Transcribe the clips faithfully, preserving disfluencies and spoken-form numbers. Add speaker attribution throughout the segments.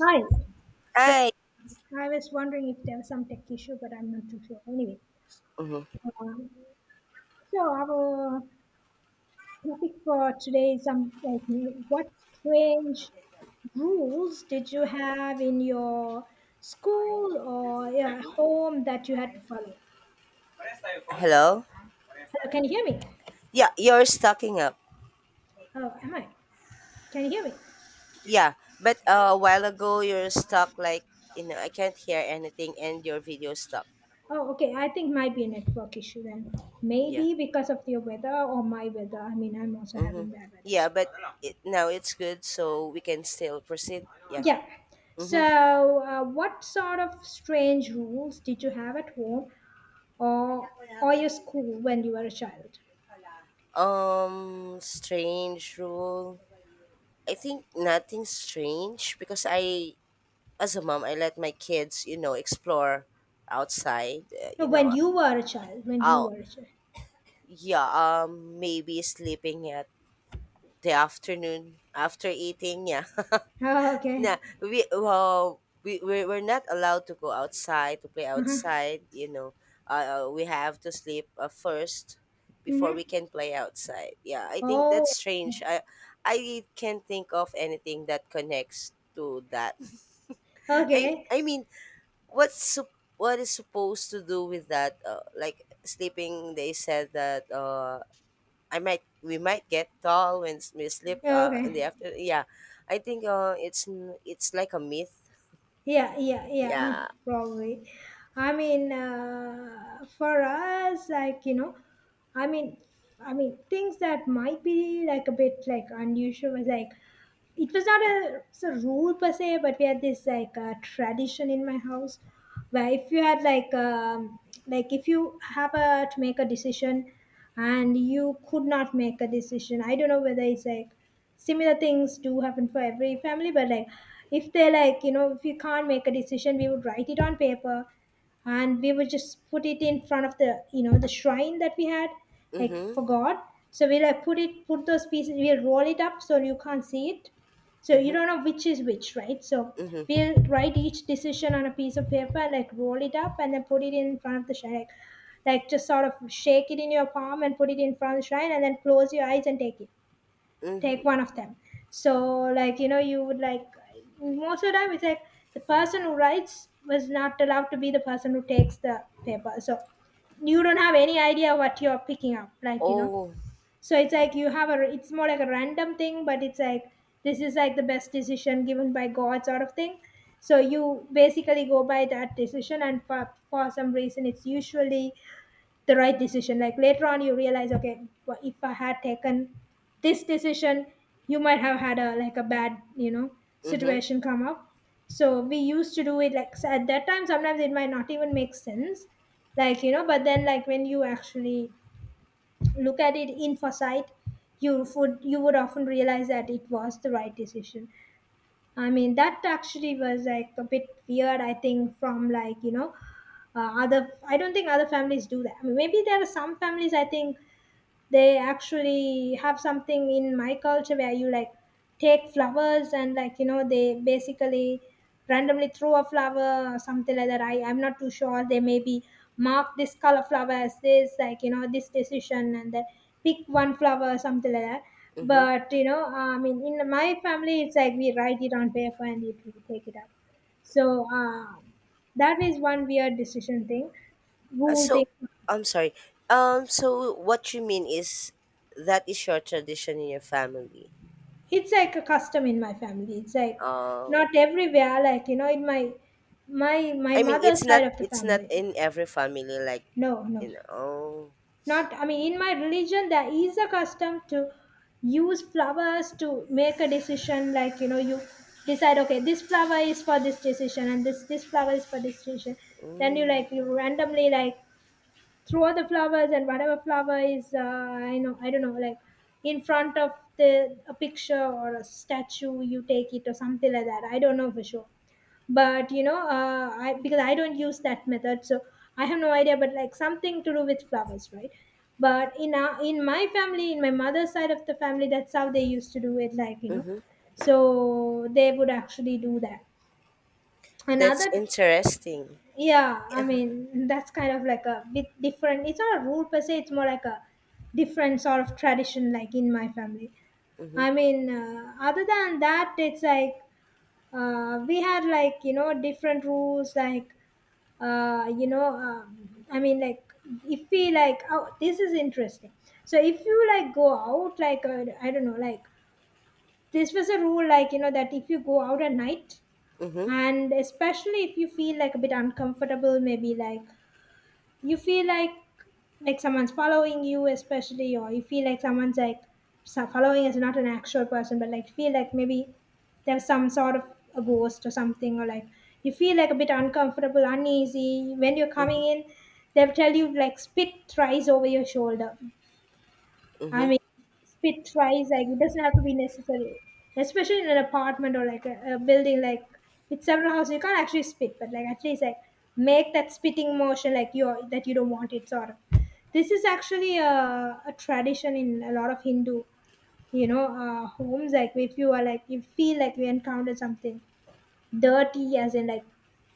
Speaker 1: Hi. So
Speaker 2: Hi.
Speaker 1: I was wondering if there was some tech issue, but I'm not too sure. Anyway,
Speaker 2: Mhm.
Speaker 1: um, so our topic for today is some like what strange rules did you have in your school or yeah, home that you had to follow?
Speaker 2: Hello.
Speaker 1: Hello, can you hear me?
Speaker 2: Yeah, you're stocking up.
Speaker 1: Oh, am I? Can you hear me?
Speaker 2: Yeah, but uh, a while ago you're stuck like you know I can't hear anything and your video stopped.
Speaker 1: Oh, okay. I think might be a network issue then.
Speaker 2: Yeah.
Speaker 1: Maybe because of your weather or my weather. I mean, I'm also having
Speaker 2: Mhm.
Speaker 1: bad weather.
Speaker 2: Yeah,
Speaker 1: So.
Speaker 2: but it, now it's good, so we can still proceed. Yeah.
Speaker 1: Yeah.
Speaker 2: Mhm.
Speaker 1: So, uh, what sort of strange rules did you have at home or or your school when you were a child?
Speaker 2: Um, strange rule. I think nothing strange because I, as a mom, I let my kids, you know, explore outside. Uh,
Speaker 1: No,
Speaker 2: you
Speaker 1: when
Speaker 2: know,
Speaker 1: you were a child. When you
Speaker 2: out.
Speaker 1: were a child.
Speaker 2: Yeah. Um, maybe sleeping at the afternoon after eating, yeah.
Speaker 1: Oh,
Speaker 2: Nah,
Speaker 1: okay.
Speaker 2: we well we we're, we're not allowed to go outside to play
Speaker 1: Uh-huh.
Speaker 2: outside you know uh, uh, We have to sleep uh, first before we
Speaker 1: Mm-hmm.
Speaker 2: can play outside, yeah. I think that's
Speaker 1: Oh,
Speaker 2: strange. I i can't think of anything that connects to that. i
Speaker 1: okay.
Speaker 2: i mean, what's sup- what is supposed to do with that, uh, like sleeping. They said that uh I might we might get tall when s- we sleep uh in the
Speaker 1: Okay.
Speaker 2: after, yeah. I think uh it's n- it's like a myth,
Speaker 1: Yeah, yeah, yeah. uh,
Speaker 2: yeah.
Speaker 1: Probably. I mean, uh, for us, like you know, I mean, I mean things that might be like a bit like unusual, was like it was not a, it's a rule per se, but we had this like uh, tradition in my house where if you had like um, like if you have a, to make a decision and you could not make a decision. I don't know whether it's like similar things do happen for every family, but like if they're like you know if you can't make a decision, we would write it on paper and we would just put it in front of the you know the shrine that we had like
Speaker 2: Mhm.
Speaker 1: for God. So we like put it put those pieces, we'll roll it up so you can't see it, so you
Speaker 2: Mhm.
Speaker 1: don't know which is which, right? So
Speaker 2: Mhm.
Speaker 1: we'll write each decision on a piece of paper, like roll it up and then put it in front of the shrine, like, like just sort of shake it in your palm and put it in front of the shrine and then close your eyes and take it, take
Speaker 2: Mhm.
Speaker 1: one of them. So like you know you would like most of the time it's like the person who writes was not allowed to be the person who takes the paper, so you don't have any idea what you're picking up, like you know.
Speaker 2: Oh.
Speaker 1: So it's like you have a, it's more like a random thing, but it's like this is like the best decision given by God sort of thing. So you basically go by that decision, and for, for some reason, it's usually the right decision. Like later on, you realize, okay, wha- if I had taken this decision, you might have had a like a bad, you know,
Speaker 2: Mhm.
Speaker 1: situation come up. So we used to do it like so at that time. Sometimes it might not even make sense, like you know. But then, like when you actually look at it in foresight, you would you would often realize that it was the right decision. I mean, that actually was like a bit weird. I think from like you know, uh, other I don't think other families do that. I mean, maybe there are some families. I think they actually have something in my culture where you like take flowers and like you know they basically randomly throw a flower or something like that. I, i'm not too sure. They maybe mark this color flower as this like you know this decision and then pick one flower or something like that.
Speaker 2: Mhm.
Speaker 1: But you know I mean in my family it's like we write it on paper and it we take it up. So uh, that is one weird decision thing,
Speaker 2: Uh,
Speaker 1: rule
Speaker 2: so
Speaker 1: thing.
Speaker 2: I'm sorry. Um so what you mean is that is your tradition in your family.
Speaker 1: It's like a custom in my family. It's like
Speaker 2: uh
Speaker 1: not everywhere, like you know in my my my
Speaker 2: I mean,
Speaker 1: mother's
Speaker 2: it's not
Speaker 1: side of the
Speaker 2: it's not
Speaker 1: family.
Speaker 2: in every family, like.
Speaker 1: No no
Speaker 2: You know oh.
Speaker 1: not, I mean in my religion there is a custom to use flowers to make a decision, like you know you decide, okay, this flower is for this decision and this this flower is for this decision. Then you
Speaker 2: Mm.
Speaker 1: like you randomly like throw the flowers and whatever flower is uh, I know I don't know, like in front of the a picture or a statue, you take it or something like that. I don't know for sure, but you know uh, I, because I don't use that method, so I have no idea, but like something to do with flowers, right? But in our, in my family, in my mother's side of the family, that's how they used to do it, like you know.
Speaker 2: Mhm.
Speaker 1: So they would actually do that.
Speaker 2: That's
Speaker 1: Another,
Speaker 2: interesting.
Speaker 1: yeah, I mean that's kind of like a bit different, it's not a rule per se, it's more like a different sort of tradition like in my family.
Speaker 2: Mhm.
Speaker 1: I mean uh, other than that it's like uh, we had like you know different rules like uh, you know um, I mean like if we like, oh this is interesting. So if you like go out, like uh, I don't know, like this was a rule like you know that if you go out at night,
Speaker 2: Mhm.
Speaker 1: and especially if you feel like a bit uncomfortable, maybe like you feel like like someone's following you especially, or you feel like someone's like so- following is not an actual person, but like feel like maybe there's some sort of a ghost or something, or like you feel like a bit uncomfortable, uneasy when you're coming in, they'll tell you like spit thrice over your shoulder. I
Speaker 2: Mhm.
Speaker 1: mean, spit twice. Like it doesn't have to be necessary, especially in an apartment or like a, a building like with several houses. You can't actually spit, but like at least like make that spitting motion like you that you don't want it sort of. This is actually a, a tradition in a lot of Hindu, you know, uh, homes. Like if you are like you feel like you encountered something dirty, as in like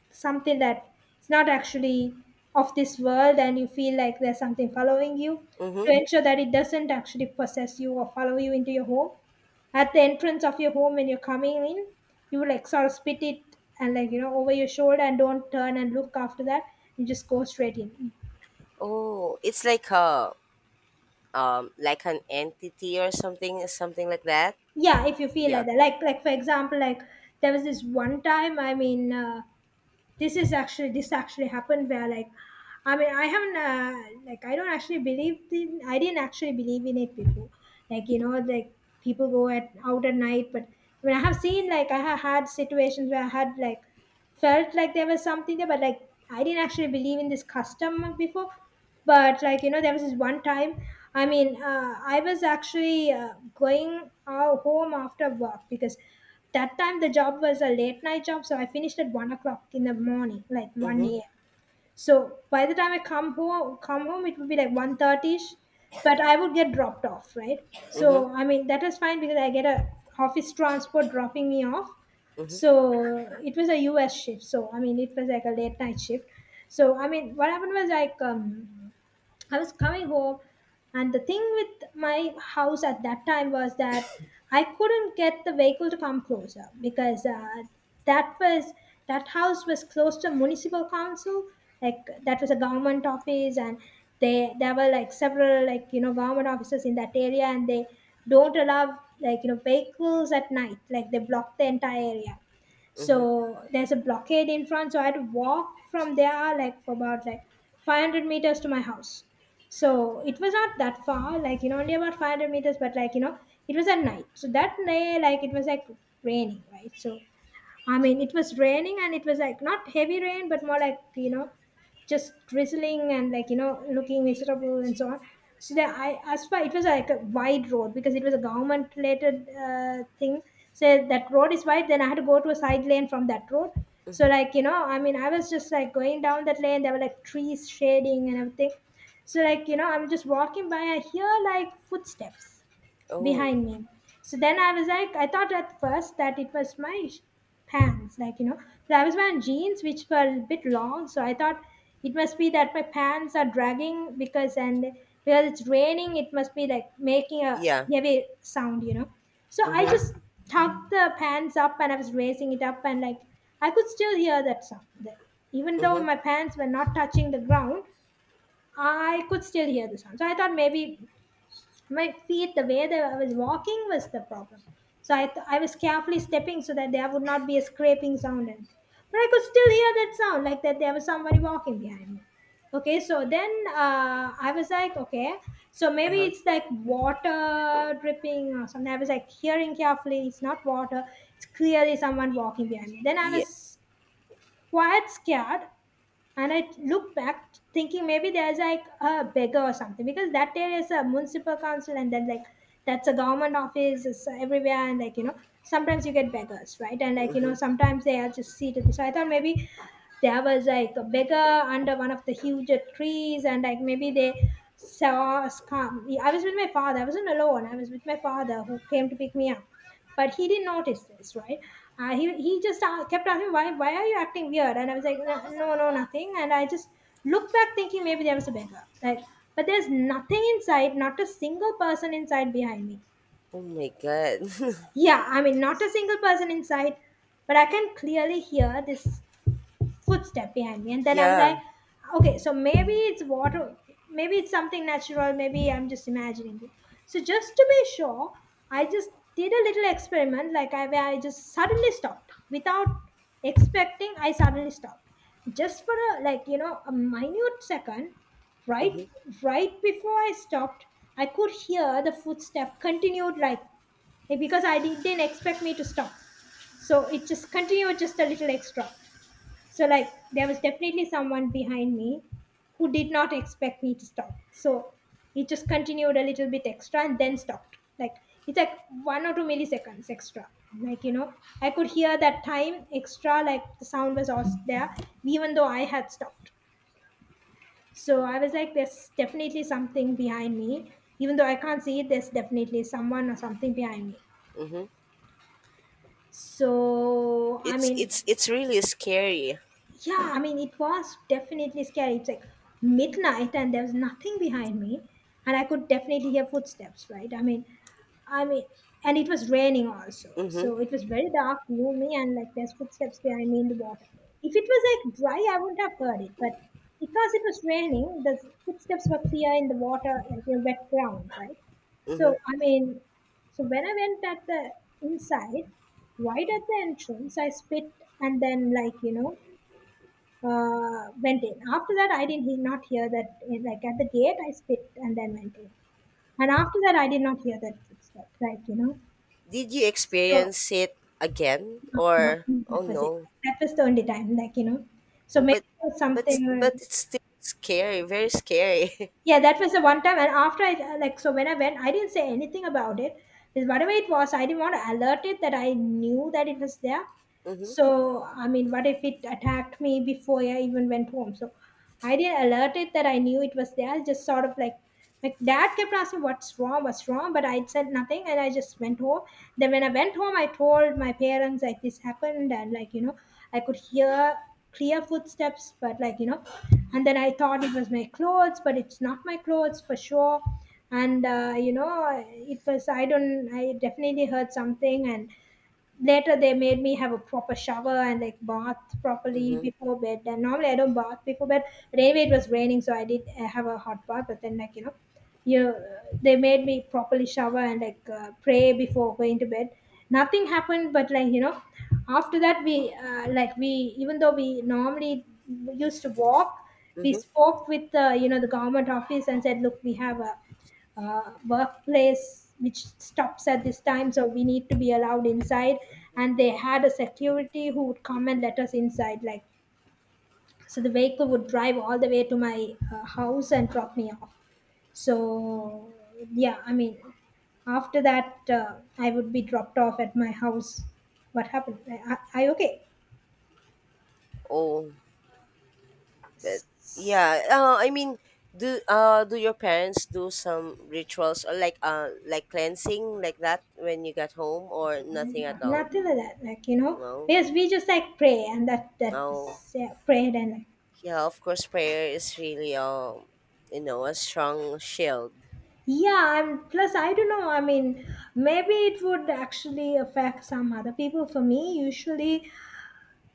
Speaker 1: something that it's not actually of this world, and you feel like there's something following you, to
Speaker 2: Mm-hmm.
Speaker 1: ensure that it doesn't actually possess you or follow you into your home, at the entrance of your home when you're coming in, you like sort of spit it and like you know over your shoulder and don't turn and look after that, you just go straight in.
Speaker 2: Oh, it's like a um like an entity or something something like that.
Speaker 1: Yeah, if you feel like
Speaker 2: Yeah.
Speaker 1: that, like like for example like there was this one time, I mean uh, this is actually, this actually happened where like, I mean I haven't uh, like I don't actually believe in, I didn't actually believe in it before, like you know, like people go at out at night, but I mean I have seen like, I have had situations where I had like felt like there was something there, but like I didn't actually believe in this custom before. But like you know there was this one time, I mean uh, I was actually uh, going uh, home after work, because that time the job was a late night job, so I finished at one o'clock in the morning, like
Speaker 2: Mm-hmm.
Speaker 1: one a m a.m. So by the time I come home come home it would be like 1.30ish, but I would get dropped off, right? So
Speaker 2: Mm-hmm.
Speaker 1: I mean that was fine because I get a office transport dropping me off.
Speaker 2: Mm-hmm.
Speaker 1: So it was a us shift, so I mean it was like a late night shift. So I mean what happened was like um I was coming home. And the thing with my house at that time was that I couldn't get the vehicle to come closer because uh, that was, that house was close to municipal council. Like that was a government office, and they there were like several like you know government offices in that area, and they don't allow like you know vehicles at night. Like they block the entire area,
Speaker 2: Mm-hmm.
Speaker 1: so there's a blockade in front, so I had to walk from there like for about like five hundred meters to my house. So it was not that far like you know, only about five hundred meters, but like you know it was at night. So that night like it was like raining, right? So I mean it was raining and it was like not heavy rain but more like you know just drizzling and like you know looking miserable and so on. So that I as far it was like a wide road because it was a government related uh, thing. So that road is wide, then I had to go to a side lane from that road. So
Speaker 2: Mm-hmm.
Speaker 1: like you know I mean I was just like going down that lane, there were like trees shading and everything. So like you know I'm just walking by, I hear like footsteps
Speaker 2: Oh.
Speaker 1: behind me. So then I was like, I thought at first that it was my sh- pants, like you know, so I was wearing jeans which were a bit long, so I thought it must be that my pants are dragging because and because it's raining, it must be like making a
Speaker 2: Yeah.
Speaker 1: heavy sound, you know. So I
Speaker 2: Mm-hmm.
Speaker 1: just tucked the pants up and I was raising it up and like I could still hear that sound. That even though
Speaker 2: Mm-hmm.
Speaker 1: my pants were not touching the ground, I could still hear the sound. So I thought maybe my feet the way that I was walking was the problem, so i th- I was carefully stepping so that there would not be a scraping sound and but I could still hear that sound like that there was somebody walking behind me. Okay, so then uh, I was like okay, so maybe
Speaker 2: Uh-huh.
Speaker 1: it's like water dripping or something. I was like hearing carefully, it's not water, it's clearly someone walking behind me. Then I
Speaker 2: Yeah.
Speaker 1: was quite scared and I look back thinking maybe there's like a beggar or something, because that there is a municipal council and then like that's a government office, it's everywhere, and like you know sometimes you get beggars, right, and like you know
Speaker 2: Mm-hmm.
Speaker 1: sometimes they are just seated, so I thought maybe there was like a beggar under one of the huge trees, and like maybe they saw us come. I was with my father, I wasn't alone, I was with my father who came to pick me up, but he didn't notice this, right. Uh, he, he just uh, kept asking, why why are you acting weird, and I was like no, no, no, nothing, and I just looked back thinking maybe there was a beggar like, but there's nothing inside, not a single person inside behind me.
Speaker 2: Oh my god.
Speaker 1: Yeah, I mean not a single person inside, but I can clearly hear this footstep behind me, and then I was like
Speaker 2: Yeah.
Speaker 1: okay, so maybe it's water, maybe it's something natural, maybe I'm just imagining it. So just to be sure, I just did a little experiment like, I where I just suddenly stopped without expecting. I suddenly stopped just for a like you know a minute second, right.
Speaker 2: Mm-hmm.
Speaker 1: Right before I stopped, I could hear the footstep continued like, because I didn't expect me to stop, so it just continued just a little extra. So like there was definitely someone behind me who did not expect me to stop, so it just continued a little bit extra and then stopped. Like it's like one or two milliseconds extra, like you know. I could hear that time extra, like the sound was also there even though I had stopped. So I was like there's definitely something behind me, even though I can't see it, there's definitely someone or something behind me.
Speaker 2: Mm-hmm.
Speaker 1: So I
Speaker 2: It's
Speaker 1: mean,
Speaker 2: it's it's really scary.
Speaker 1: yeah, I mean it was definitely scary. It's like midnight and there was nothing behind me, and I could definitely hear footsteps, right. I mean, I mean, and it was raining also,
Speaker 2: Mm-hmm.
Speaker 1: so it was very dark, gloomy, and like there's footsteps behind me in the water. If it was like dry I wouldn't have heard it, but because it was raining the footsteps were clear in the water, like in wet ground, right. So
Speaker 2: Mm-hmm.
Speaker 1: I mean, so when I went at the inside, right at the entrance I spit and then like you know uh, went in. After that, I did he- not hear that. eh, Like at the gate, I spit and then went in. And after that, I did not hear that footstep. Like you know,
Speaker 2: Did you
Speaker 1: so
Speaker 2: experience it again,
Speaker 1: no,
Speaker 2: or
Speaker 1: no,
Speaker 2: oh
Speaker 1: that was it.
Speaker 2: no?
Speaker 1: That was the only time. Like you know, so
Speaker 2: Oh,
Speaker 1: maybe
Speaker 2: but
Speaker 1: it was
Speaker 2: but but
Speaker 1: something.
Speaker 2: it's still scary, very scary.
Speaker 1: Yeah, that was the one time. And after I uh, like, so when I went, I didn't say anything about it. Because whatever it was, I didn't want to alert it that I knew that it was there. So I mean, what if it attacked me before I even went home? So I didn't alert it that I knew it was there. I just sort of like, my dad kept asking what's wrong, what's wrong, but I said nothing and I just went home. Then when I went home, I told my parents like this happened, and like you know I could hear clear footsteps, but like you know. And then I thought it was my clothes, but it's not my clothes for sure. And uh, you know it was, I don't, I definitely heard something. And later they made me have a proper shower and like bath properly
Speaker 2: Mm-hmm.
Speaker 1: before bed, and normally I don't bath before bed, but anyway it was raining so I did uh, have a hot bath. But then like you know, you, they made me properly shower and like uh, pray before going to bed. Nothing happened, but like you know, after that we uh, like we, even though we normally used to walk, we
Speaker 2: Mm-hmm.
Speaker 1: spoke with uh, you know the government office and said look, we have a uh, workplace which stops at this time, so we need to be allowed inside. And they had a security who would come and let us inside like, so the vehicle would drive all the way to my uh, house and drop me off. So yeah, I mean, after that uh, I would be dropped off at my house. What happened, i, I, I okay.
Speaker 2: Oh, but yeah. Uh, I mean, do uh do your parents do some rituals or like uh like cleansing like that when you got home, or nothing at all?
Speaker 1: Nothing like that, like you know,
Speaker 2: No,
Speaker 1: because we just like pray, and that that
Speaker 2: no.
Speaker 1: was, yeah, prayed and like.
Speaker 2: Yeah, of course, prayer is really um you know a strong shield.
Speaker 1: Yeah, I'm plus I don't know, I mean maybe it would actually affect some other people. For me usually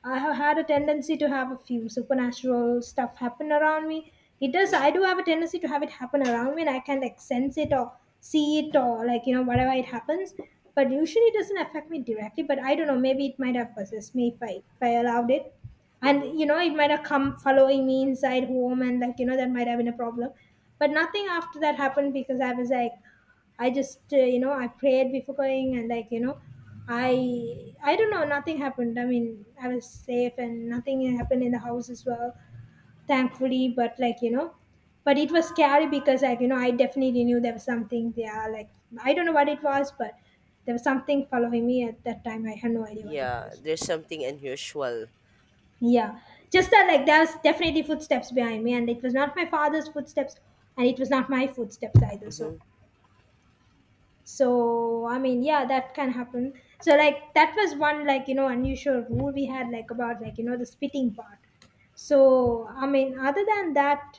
Speaker 1: I have had a tendency to have a few supernatural stuff happen around me. It does.
Speaker 2: Mm-hmm,
Speaker 1: I do have a tendency to have it happen around me, and I can like sense it or see it or like you know whatever it happens. But usually it doesn't affect me directly. But I don't know, maybe it might have possessed me if I if I allowed it, and
Speaker 2: mm-hmm.
Speaker 1: you know it might have come following me inside home, and like you know that might have been a problem. But nothing after that happened, because I was like I just uh, you know I prayed before going, and like you know I I don't know, nothing happened. I mean I was safe and nothing happened in the house as well, thankfully. But like you know, but it was scary because like you know I definitely knew there was something there. Like, I don't know what it was, but there was something following me at that time. I had no idea what it
Speaker 2: Yeah,
Speaker 1: was.
Speaker 2: there's something unusual.
Speaker 1: Yeah,
Speaker 2: Yeah.
Speaker 1: just that like there was definitely footsteps behind me, and it was not my father's footsteps, and it was not my footsteps either. So,
Speaker 2: Mm-hmm,
Speaker 1: so I mean yeah, that can happen. So like that was one, like you know, unusual rule we had, like about like you know the spitting part. So I mean, other than that,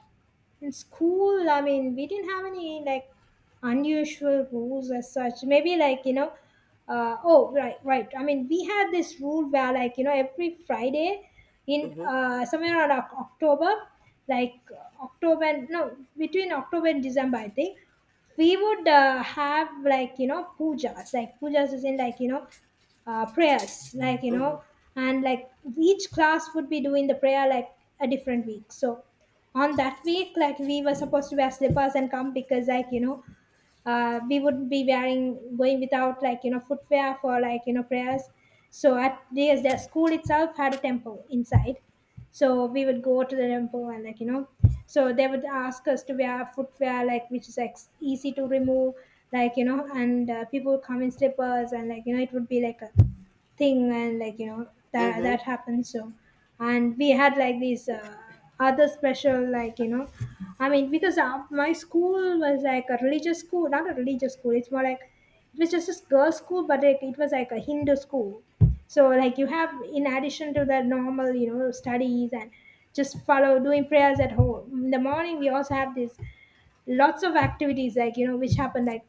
Speaker 1: in school I mean we didn't have any like unusual rules as such. Maybe like you know, uh, oh right, right, I mean we had this rule where like you know every Friday, in
Speaker 2: mm-hmm,
Speaker 1: uh, somewhere around Oc- october, like uh, October and no, between October and December I think, we would uh, have like you know pujas, like pujas is in like you know uh, prayers, like you know,
Speaker 2: mm-hmm,
Speaker 1: and like each class would be doing the prayer, like a different week. So on that week like we were supposed to wear slippers and come, because like you know uh, we would be wearing, going without like you know footwear for like you know prayers. So at the, the school itself had a temple inside, so we would go to the temple, and like you know, so they would ask us to wear footwear like which is like easy to remove, like you know. And uh, people would come in slippers, and like you know it would be like a thing, and like you know that
Speaker 2: mm-hmm,
Speaker 1: that happened. So, and we had like these uh, other special like you know, I mean because uh, my school was like a religious school, not a religious school, it's more like, it was just a girls school, but like, it was like a Hindu school. So like you have, in addition to the normal you know studies and just follow doing prayers at home in the morning, we also have this lots of activities like you know which happen like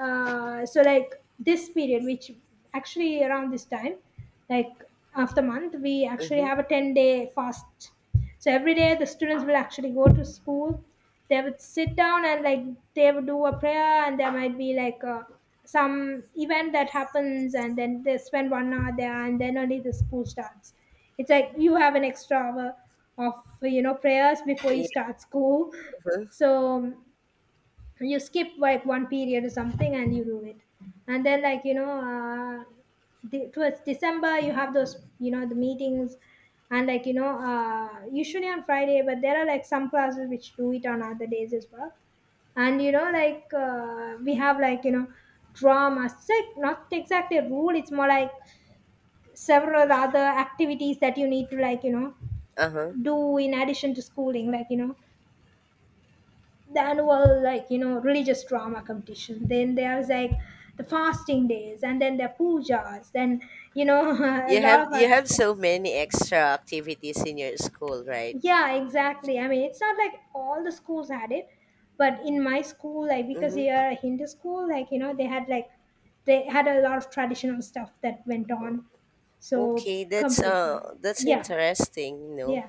Speaker 1: uh, so like this period which actually around this time, like after month we actually
Speaker 2: mm-hmm.
Speaker 1: have a ten day fast. So every day the students will actually go to school, they would sit down and like they would do a prayer, and there might be like a some event that happens, and then they spend one hour there and then only the school starts. It's like you have an extra hour of you know prayers before you
Speaker 2: Yeah,
Speaker 1: start school.
Speaker 2: uh-huh,
Speaker 1: So you skip like one period or something, and you do it. And then like you know uh, the, towards December you have those you know the meetings, and like you know uh, usually on Friday, but there are like some classes which do it on other days as well. And you know like uh, we have like you know drama. It's like not exactly a rule, it's more like several other activities that you need to like you know
Speaker 2: uh-huh.
Speaker 1: do in addition to schooling, like you know the annual like you know religious drama competition, then there's like the fasting days and then the pujas, then you know a
Speaker 2: You
Speaker 1: lot
Speaker 2: have
Speaker 1: of
Speaker 2: you
Speaker 1: other
Speaker 2: have
Speaker 1: stuff.
Speaker 2: so many extra activities in your school, right?
Speaker 1: Yeah, exactly, I mean it's not like all the schools had it, but in my school, like because we
Speaker 2: Mm-hmm.
Speaker 1: are a Hindu school, like you know they had like they had a lot of traditional stuff that went on. So
Speaker 2: Okay, that's uh
Speaker 1: competition.
Speaker 2: that's
Speaker 1: Yeah,
Speaker 2: interesting, you know,
Speaker 1: yeah.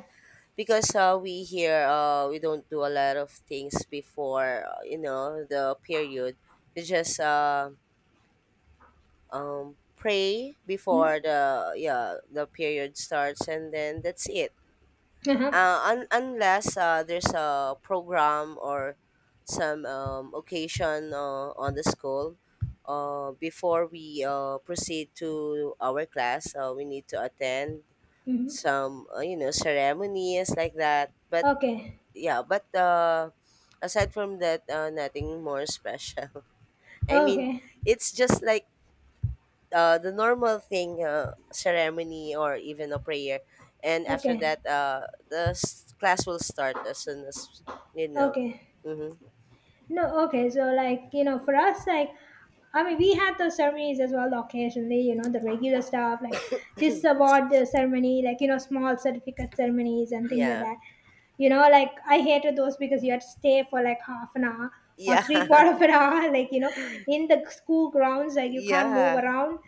Speaker 2: because uh we here, uh we don't do a lot of things before, uh, you know the period. We just uh um pray
Speaker 1: Hmm.
Speaker 2: before the, yeah, the period starts, and then that's it.
Speaker 1: Uh-huh.
Speaker 2: Uh, un- unless uh there's a program or some um occasion, uh, on the school. Uh, before we, uh, proceed to our class, uh, we need to attend
Speaker 1: Hmm.
Speaker 2: some uh, you know ceremonies like that, but
Speaker 1: Okay,
Speaker 2: yeah. But uh aside from that, uh, nothing more special. I mean,
Speaker 1: okay,
Speaker 2: it's just like uh the normal thing, uh, ceremony, or even a prayer, and after
Speaker 1: okay,
Speaker 2: that uh the s- class will start as soon as you know
Speaker 1: okay.
Speaker 2: mm-hmm.
Speaker 1: No, okay. So, like, you know, for us, like, I mean, we had those ceremonies as well occasionally, you know, the regular stuff, like this award uh, ceremony, like, you know, small certificate ceremonies and things like
Speaker 2: Yeah,
Speaker 1: that. You know, like, I hated those because you had to stay for like half an hour or
Speaker 2: yeah.
Speaker 1: three quarter of an hour, like, you know, in the school grounds, like, you can't move
Speaker 2: Yeah.
Speaker 1: around.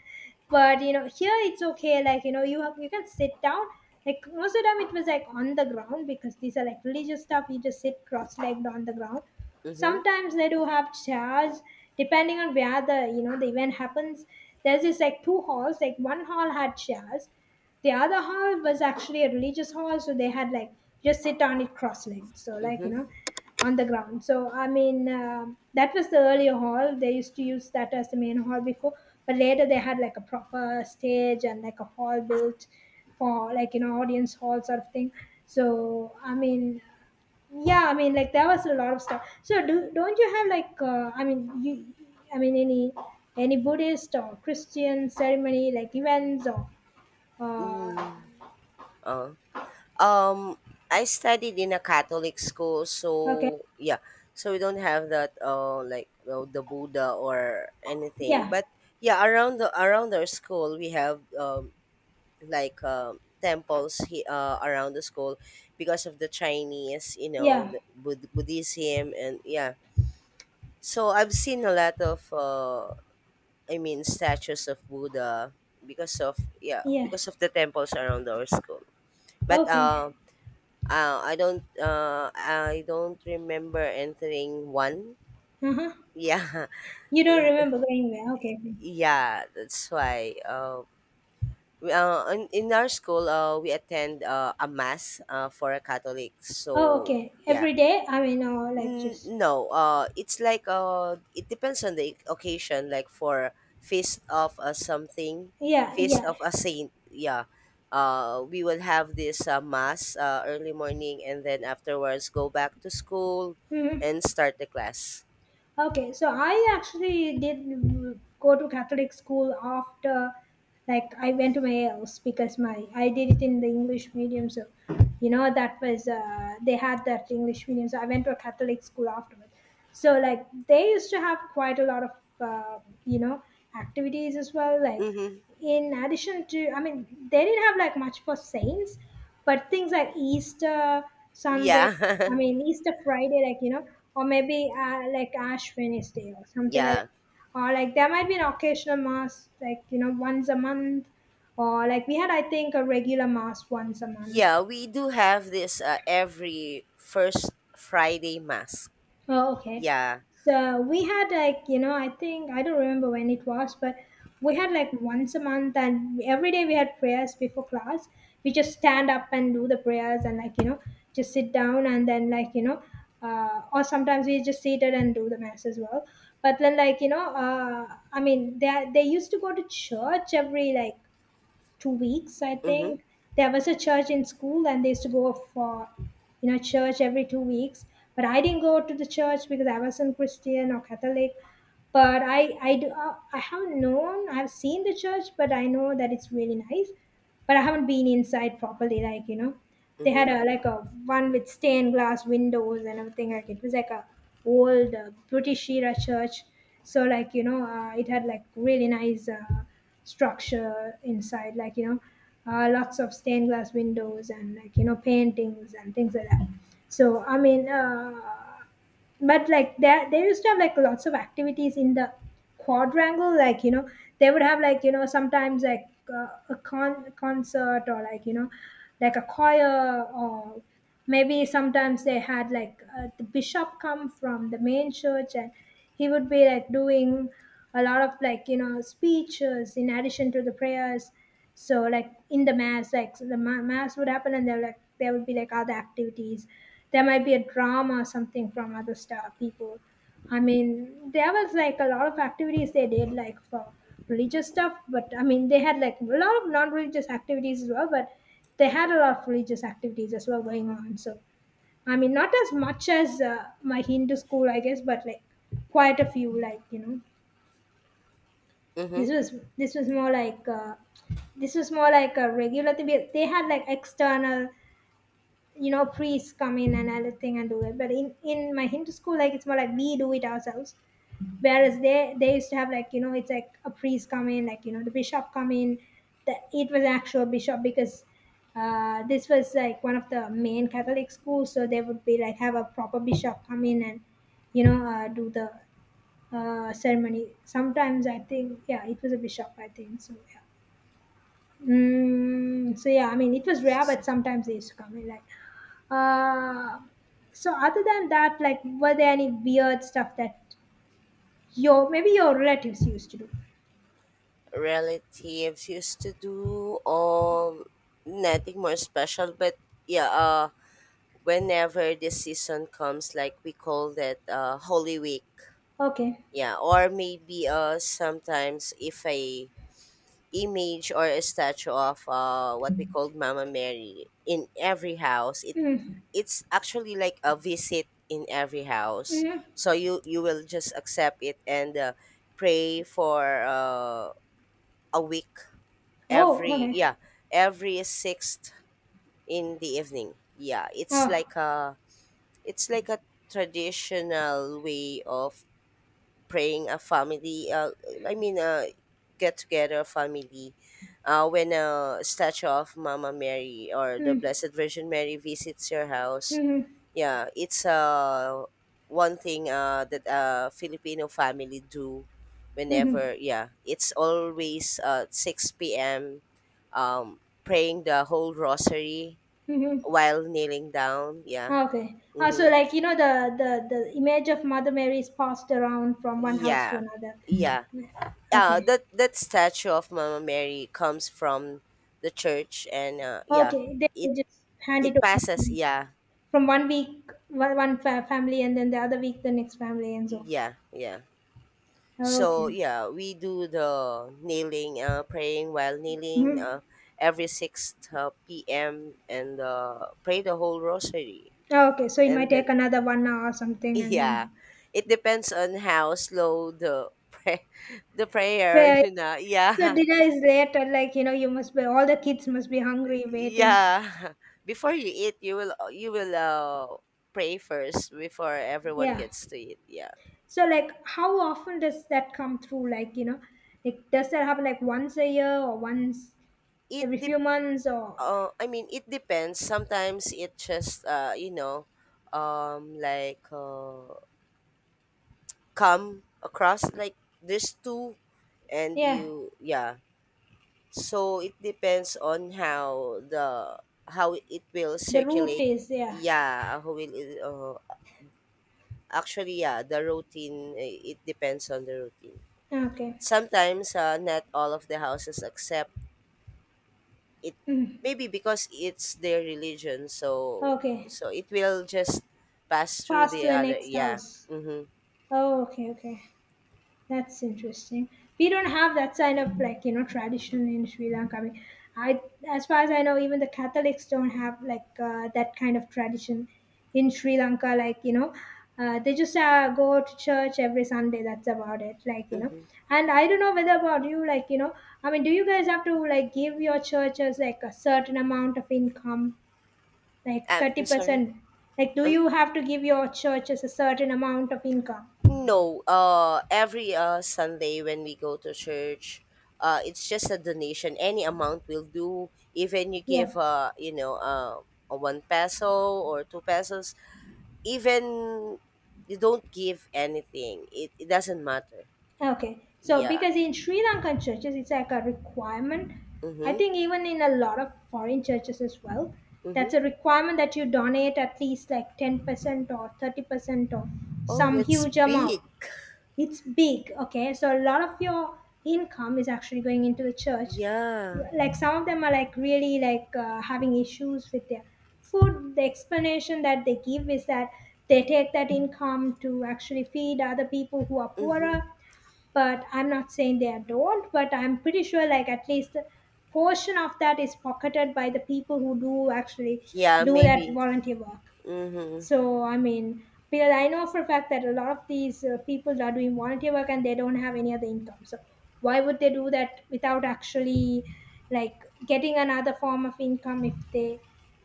Speaker 1: But, you know, here it's okay, like, you know, you, have, you can sit down. Like, most of the time it was like on the ground because these are like religious stuff, you just sit cross legged on the ground.
Speaker 2: Mm-hmm.
Speaker 1: Sometimes they do have chairs, depending on where the you know the event happens. There's this like two halls, like one hall had chairs, the other hall was actually a religious hall, so they had like just sit on it cross-legged, so like you know
Speaker 2: Mm-hmm.
Speaker 1: on the ground. So I mean, um that was the earlier hall, they used to use that as the main hall before, but later they had like a proper stage and like a hall built for like you know audience hall sort of thing. So I mean, yeah, I mean like there was a lot of stuff. So do don't you have like uh, I mean you, I mean any any Buddhist or Christian ceremony like events or uh,
Speaker 2: Mm. Oh. Um, I studied in a Catholic school,
Speaker 1: okay.
Speaker 2: so yeah, so we don't have that uh like, uh, the Buddha or anything.
Speaker 1: Yeah,
Speaker 2: But yeah, around the around our school we have um like, uh, temples, he, uh, around the school because of the Chinese, you know,
Speaker 1: yeah,
Speaker 2: the Bud- Buddhism, and yeah. So I've seen a lot of uh I mean, statues of Buddha, because of, yeah,
Speaker 1: yeah.
Speaker 2: because of the temples around our school. But
Speaker 1: Okay.
Speaker 2: uh uh, I don't uh I don't remember entering one.
Speaker 1: Uh-huh.
Speaker 2: Yeah.
Speaker 1: You don't remember going there, okay.
Speaker 2: Yeah, that's why. Uh, we, uh in, in our school uh we attend, uh, a mass, uh for a Catholic.
Speaker 1: Oh
Speaker 2: So
Speaker 1: okay,
Speaker 2: yeah.
Speaker 1: every day I mean, or like
Speaker 2: N-
Speaker 1: just
Speaker 2: no, uh, it's like, uh, it depends on the occasion. Like for feast of a something,
Speaker 1: yeah,
Speaker 2: feast
Speaker 1: yeah.
Speaker 2: of a saint. Yeah, uh, we will have this, uh, mass, uh, early morning, and then afterwards go back to school
Speaker 1: Mm-hmm.
Speaker 2: and start the class.
Speaker 1: Okay, so I actually did mm, go to Catholic school after, like, I went to my else because my I did it in the English medium. So, you know, that was uh, they had that English medium. So I went to a Catholic school afterward. So like they used to have quite a lot of uh, you know activities as well. Like
Speaker 2: Mm-hmm.
Speaker 1: in addition to, I mean, they didn't have like much for saints, but things like Easter Sunday,
Speaker 2: Yeah.
Speaker 1: I mean, Easter Friday, like, you know, or maybe uh, like Ash Wednesday or something like
Speaker 2: Yeah,
Speaker 1: that. Or like there might be an occasional mass, like, you know, once a month. Or like we had, I think, a regular mass once a month.
Speaker 2: yeah. We do have this, uh, every first Friday mass.
Speaker 1: Oh, okay.
Speaker 2: Yeah.
Speaker 1: So we had like, you know, I think I don't remember when it was, but we had like once a month, and every day we had prayers before class. We just stand up and do the prayers, and like, you know, just sit down, and then like, you know, uh, or sometimes we just seated and do the mass as well. But then like, you know, uh, I mean, they they used to go to church every like two weeks, I
Speaker 2: Mm-hmm.
Speaker 1: think. There was a church in school, and they used to go for, you know, church every two weeks. But I didn't go to the church because I wasn't Christian or Catholic. But I, I do, uh, I haven't known. I've seen the church, but I know that it's really nice. But I haven't been inside properly, like you know. They had
Speaker 2: Mm-hmm.
Speaker 1: a like a one with stained glass windows and everything. Like it was like a old uh, British era church. So like you know, uh, it had like really nice uh, structure inside. Like you know, uh, lots of stained glass windows and like you know paintings and things like that. So I mean, uh, but like there they used to have like lots of activities in the quadrangle like you know. They would have like you know sometimes like uh, a con- concert, or like you know like a choir, or maybe sometimes they had like uh, the bishop come from the main church, and he would be like doing a lot of like you know speeches in addition to the prayers. So like in the mass, like so the ma- mass would happen, and there like there would be like other activities. There might be a drama or something from other star people. I mean, there was like a lot of activities they did, like for religious stuff. But I mean, they had like a lot of non-religious activities as well. But they had a lot of religious activities as well going on. So I mean, not as much as uh, my Hindu school, I guess, but like quite a few. Like you know,
Speaker 2: Mm-hmm.
Speaker 1: this was this was more like uh, this was more like a regular thing. They they had like external. You know, priests come in and everything and do it. But in, in my Hindu school, like it's more like we do it ourselves, whereas they they used to have like you know, it's like a priest come in, like you know the bishop come in, the, it was actual bishop because uh, this was like one of the main Catholic schools, so they would be like have a proper bishop come in and you know uh, do the uh, ceremony sometimes I think. Yeah, it was a bishop, I think so, yeah. Mm, so yeah, I mean it was rare, but sometimes they used to come in like uh, so other than that, like were there any weird stuff that your maybe your relatives used to do.
Speaker 2: Relatives used to do. Um, nothing more special, but yeah. Uh, whenever this season comes, like, we call that, uh, Holy Week.
Speaker 1: Okay.
Speaker 2: Yeah, or maybe uh sometimes if a image or a statue of uh what we called Mama Mary in every house, it
Speaker 1: Mm.
Speaker 2: it's actually like a visit in every house. So
Speaker 1: Mm-hmm.
Speaker 2: you you will just accept it, and uh, pray for, uh, a week
Speaker 1: Oh,
Speaker 2: every,
Speaker 1: okay.
Speaker 2: yeah, every sixth in the evening, yeah, it's like
Speaker 1: Oh.
Speaker 2: a it's like a traditional way of praying, a family, uh, I mean, uh, get together family, uh, when a statue of Mama Mary or the
Speaker 1: Mm.
Speaker 2: Blessed Virgin Mary visits your house.
Speaker 1: Mm-hmm.
Speaker 2: Yeah, it's uh one thing uh that uh Filipino family do.
Speaker 1: Mm-hmm.
Speaker 2: Whenever, yeah, it's always uh six p m um Praying the whole rosary
Speaker 1: Mm-hmm.
Speaker 2: while kneeling down, yeah.
Speaker 1: Okay. Uh, so
Speaker 2: Mhm.
Speaker 1: like you know the, the the image of Mother Mary is passed around from one house to
Speaker 2: Yeah.
Speaker 1: another.
Speaker 2: Yeah. Yeah,
Speaker 1: Okay.
Speaker 2: that that statue of Mama Mary comes from the church, and uh yeah,
Speaker 1: Okay. Then
Speaker 2: it
Speaker 1: they just hand it
Speaker 2: it
Speaker 1: over
Speaker 2: passes, yeah.
Speaker 1: from one week, one one fa- family, and then the other week the next family, and so on.
Speaker 2: Yeah, yeah.
Speaker 1: Okay.
Speaker 2: So yeah, we do the kneeling, uh, praying while kneeling,
Speaker 1: Hmm.
Speaker 2: uh, every sixth, uh, p m, and uh, pray the whole rosary.
Speaker 1: Okay. So it
Speaker 2: And
Speaker 1: might
Speaker 2: then
Speaker 1: take another one hour or something and
Speaker 2: yeah,
Speaker 1: then.
Speaker 2: it depends on how slow the pray the prayer.
Speaker 1: Where,
Speaker 2: You know,
Speaker 1: so
Speaker 2: yeah,
Speaker 1: dinner is late, and like you know, you must be, all the kids must be hungry, waiting.
Speaker 2: yeah. Before you eat, you will you will uh, pray first before everyone
Speaker 1: Yeah.
Speaker 2: gets to eat. Yeah,
Speaker 1: So like, how often does that come through? Like you know, like does that happen like once a year or once
Speaker 2: it
Speaker 1: every
Speaker 2: depends
Speaker 1: few months or
Speaker 2: Uh, I mean, it depends. Sometimes it just, uh, you know, um, like, uh, come across like this two, and
Speaker 1: yeah?
Speaker 2: you, yeah. So it depends on how the how it will
Speaker 1: The route
Speaker 2: circulate.
Speaker 1: is, yeah.
Speaker 2: Yeah, how will it, uh, actually, yeah, the routine. eh, It depends on the routine.
Speaker 1: Okay.
Speaker 2: Sometimes, uh, not all of the houses accept it,
Speaker 1: Mm.
Speaker 2: maybe because it's their religion, so
Speaker 1: Okay.
Speaker 2: so it will just pass through
Speaker 1: Pass to
Speaker 2: the
Speaker 1: the
Speaker 2: other,
Speaker 1: next
Speaker 2: yeah.
Speaker 1: house.
Speaker 2: Mm-hmm,
Speaker 1: Oh, okay, okay. That's interesting. We don't have that kind of like you know tradition in Sri Lanka. I mean, I, as far as I know, even the Catholics don't have like uh, that kind of tradition in Sri Lanka. Like you know, uh, they just uh, go to church every Sunday. That's about it. Like you know,
Speaker 2: mm-hmm.
Speaker 1: and I don't know whether about you. Like you know, I mean, do you guys have to like give your churches like a certain amount of income, like
Speaker 2: uh,
Speaker 1: thirty
Speaker 2: I'm sorry.
Speaker 1: percent? Like, do
Speaker 2: um,
Speaker 1: you have to give your churches a certain amount of income?
Speaker 2: no, uh every uh Sunday when we go to church, uh it's just a donation. Any amount will do, even you give,
Speaker 1: Yeah.
Speaker 2: uh you know uh a one peso or two pesos, even you don't give anything, it, it doesn't matter,
Speaker 1: Okay, so
Speaker 2: yeah.
Speaker 1: because in Sri Lankan churches, it's like a requirement. I
Speaker 2: Mm-hmm,
Speaker 1: think even in a lot of foreign churches as well,
Speaker 2: mm-hmm.
Speaker 1: that's a requirement that you donate at least like ten percent or thirty percent or
Speaker 2: Oh,
Speaker 1: some
Speaker 2: that's
Speaker 1: huge amount.
Speaker 2: big.
Speaker 1: It's big, okay? So a lot of your income is actually going into the church.
Speaker 2: Yeah.
Speaker 1: Like some of them are like really like uh, having issues with their food. The explanation that they give is that they take that income to actually feed other people who are
Speaker 2: Mm-hmm.
Speaker 1: poorer, but I'm not saying they don't, but I'm pretty sure like at least a portion of that is pocketed by the people who do actually
Speaker 2: Yeah,
Speaker 1: do that
Speaker 2: maybe.
Speaker 1: volunteer work.
Speaker 2: Mm-hmm.
Speaker 1: So I mean, because I know for a fact that a lot of these uh, people are doing volunteer work and they don't have any other income. So why would they do that without actually like getting another form of income? If they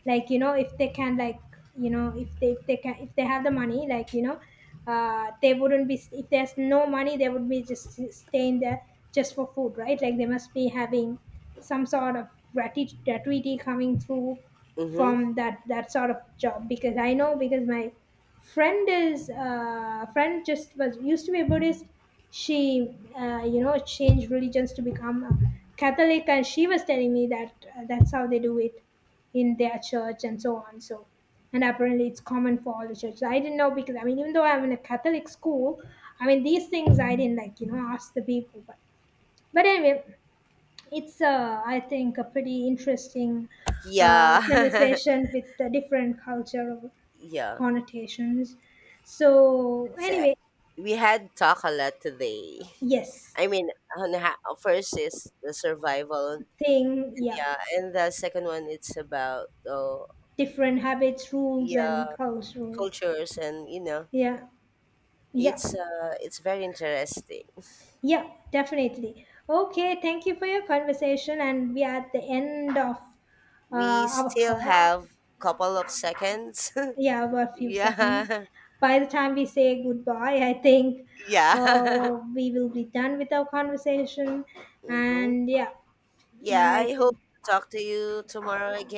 Speaker 1: like you know, if they can like you know, if they if they can, if they have the money, like you know, uh they wouldn't be, if there's no money they would be just s- staying there just for food, right? Like they must be having some sort of grati- gratuity coming through
Speaker 2: Mm-hmm.
Speaker 1: from that that sort of job. Because I know, because my friend is uh friend just was, used to be a Buddhist. She uh, you know changed religions to become a Catholic, and she was telling me that uh, that's how they do it in their church and so on. So, and apparently it's common for all the churches. I didn't know because I mean, even though I'm in a Catholic school, I mean these things I didn't like, you know, ask the people. But but anyway, it's uh, I think a pretty interesting uh,
Speaker 2: Yeah.
Speaker 1: conversation with the different cultural
Speaker 2: Yeah.
Speaker 1: connotations. So
Speaker 2: So
Speaker 1: anyway,
Speaker 2: we had talk a lot today.
Speaker 1: yes,
Speaker 2: I mean, on ha- first is the survival, and
Speaker 1: thing, yeah,
Speaker 2: yeah, and the second one it's about, oh,
Speaker 1: different habits, rules,
Speaker 2: yeah,
Speaker 1: and cultural,
Speaker 2: cultures, and you know
Speaker 1: yeah, yeah.
Speaker 2: it's uh it's very interesting.
Speaker 1: Yeah, definitely. Okay, thank you for your conversation, and we are at the end of uh,
Speaker 2: We
Speaker 1: our
Speaker 2: still
Speaker 1: call.
Speaker 2: have couple of seconds.
Speaker 1: Yeah, about a few seconds.
Speaker 2: Yeah.
Speaker 1: By the time we say goodbye, I think
Speaker 2: Yeah.
Speaker 1: uh, we will be done with our conversation.
Speaker 2: Mm-hmm.
Speaker 1: And yeah,
Speaker 2: Yeah,
Speaker 1: I
Speaker 2: I hope
Speaker 1: think.
Speaker 2: to talk to you tomorrow again.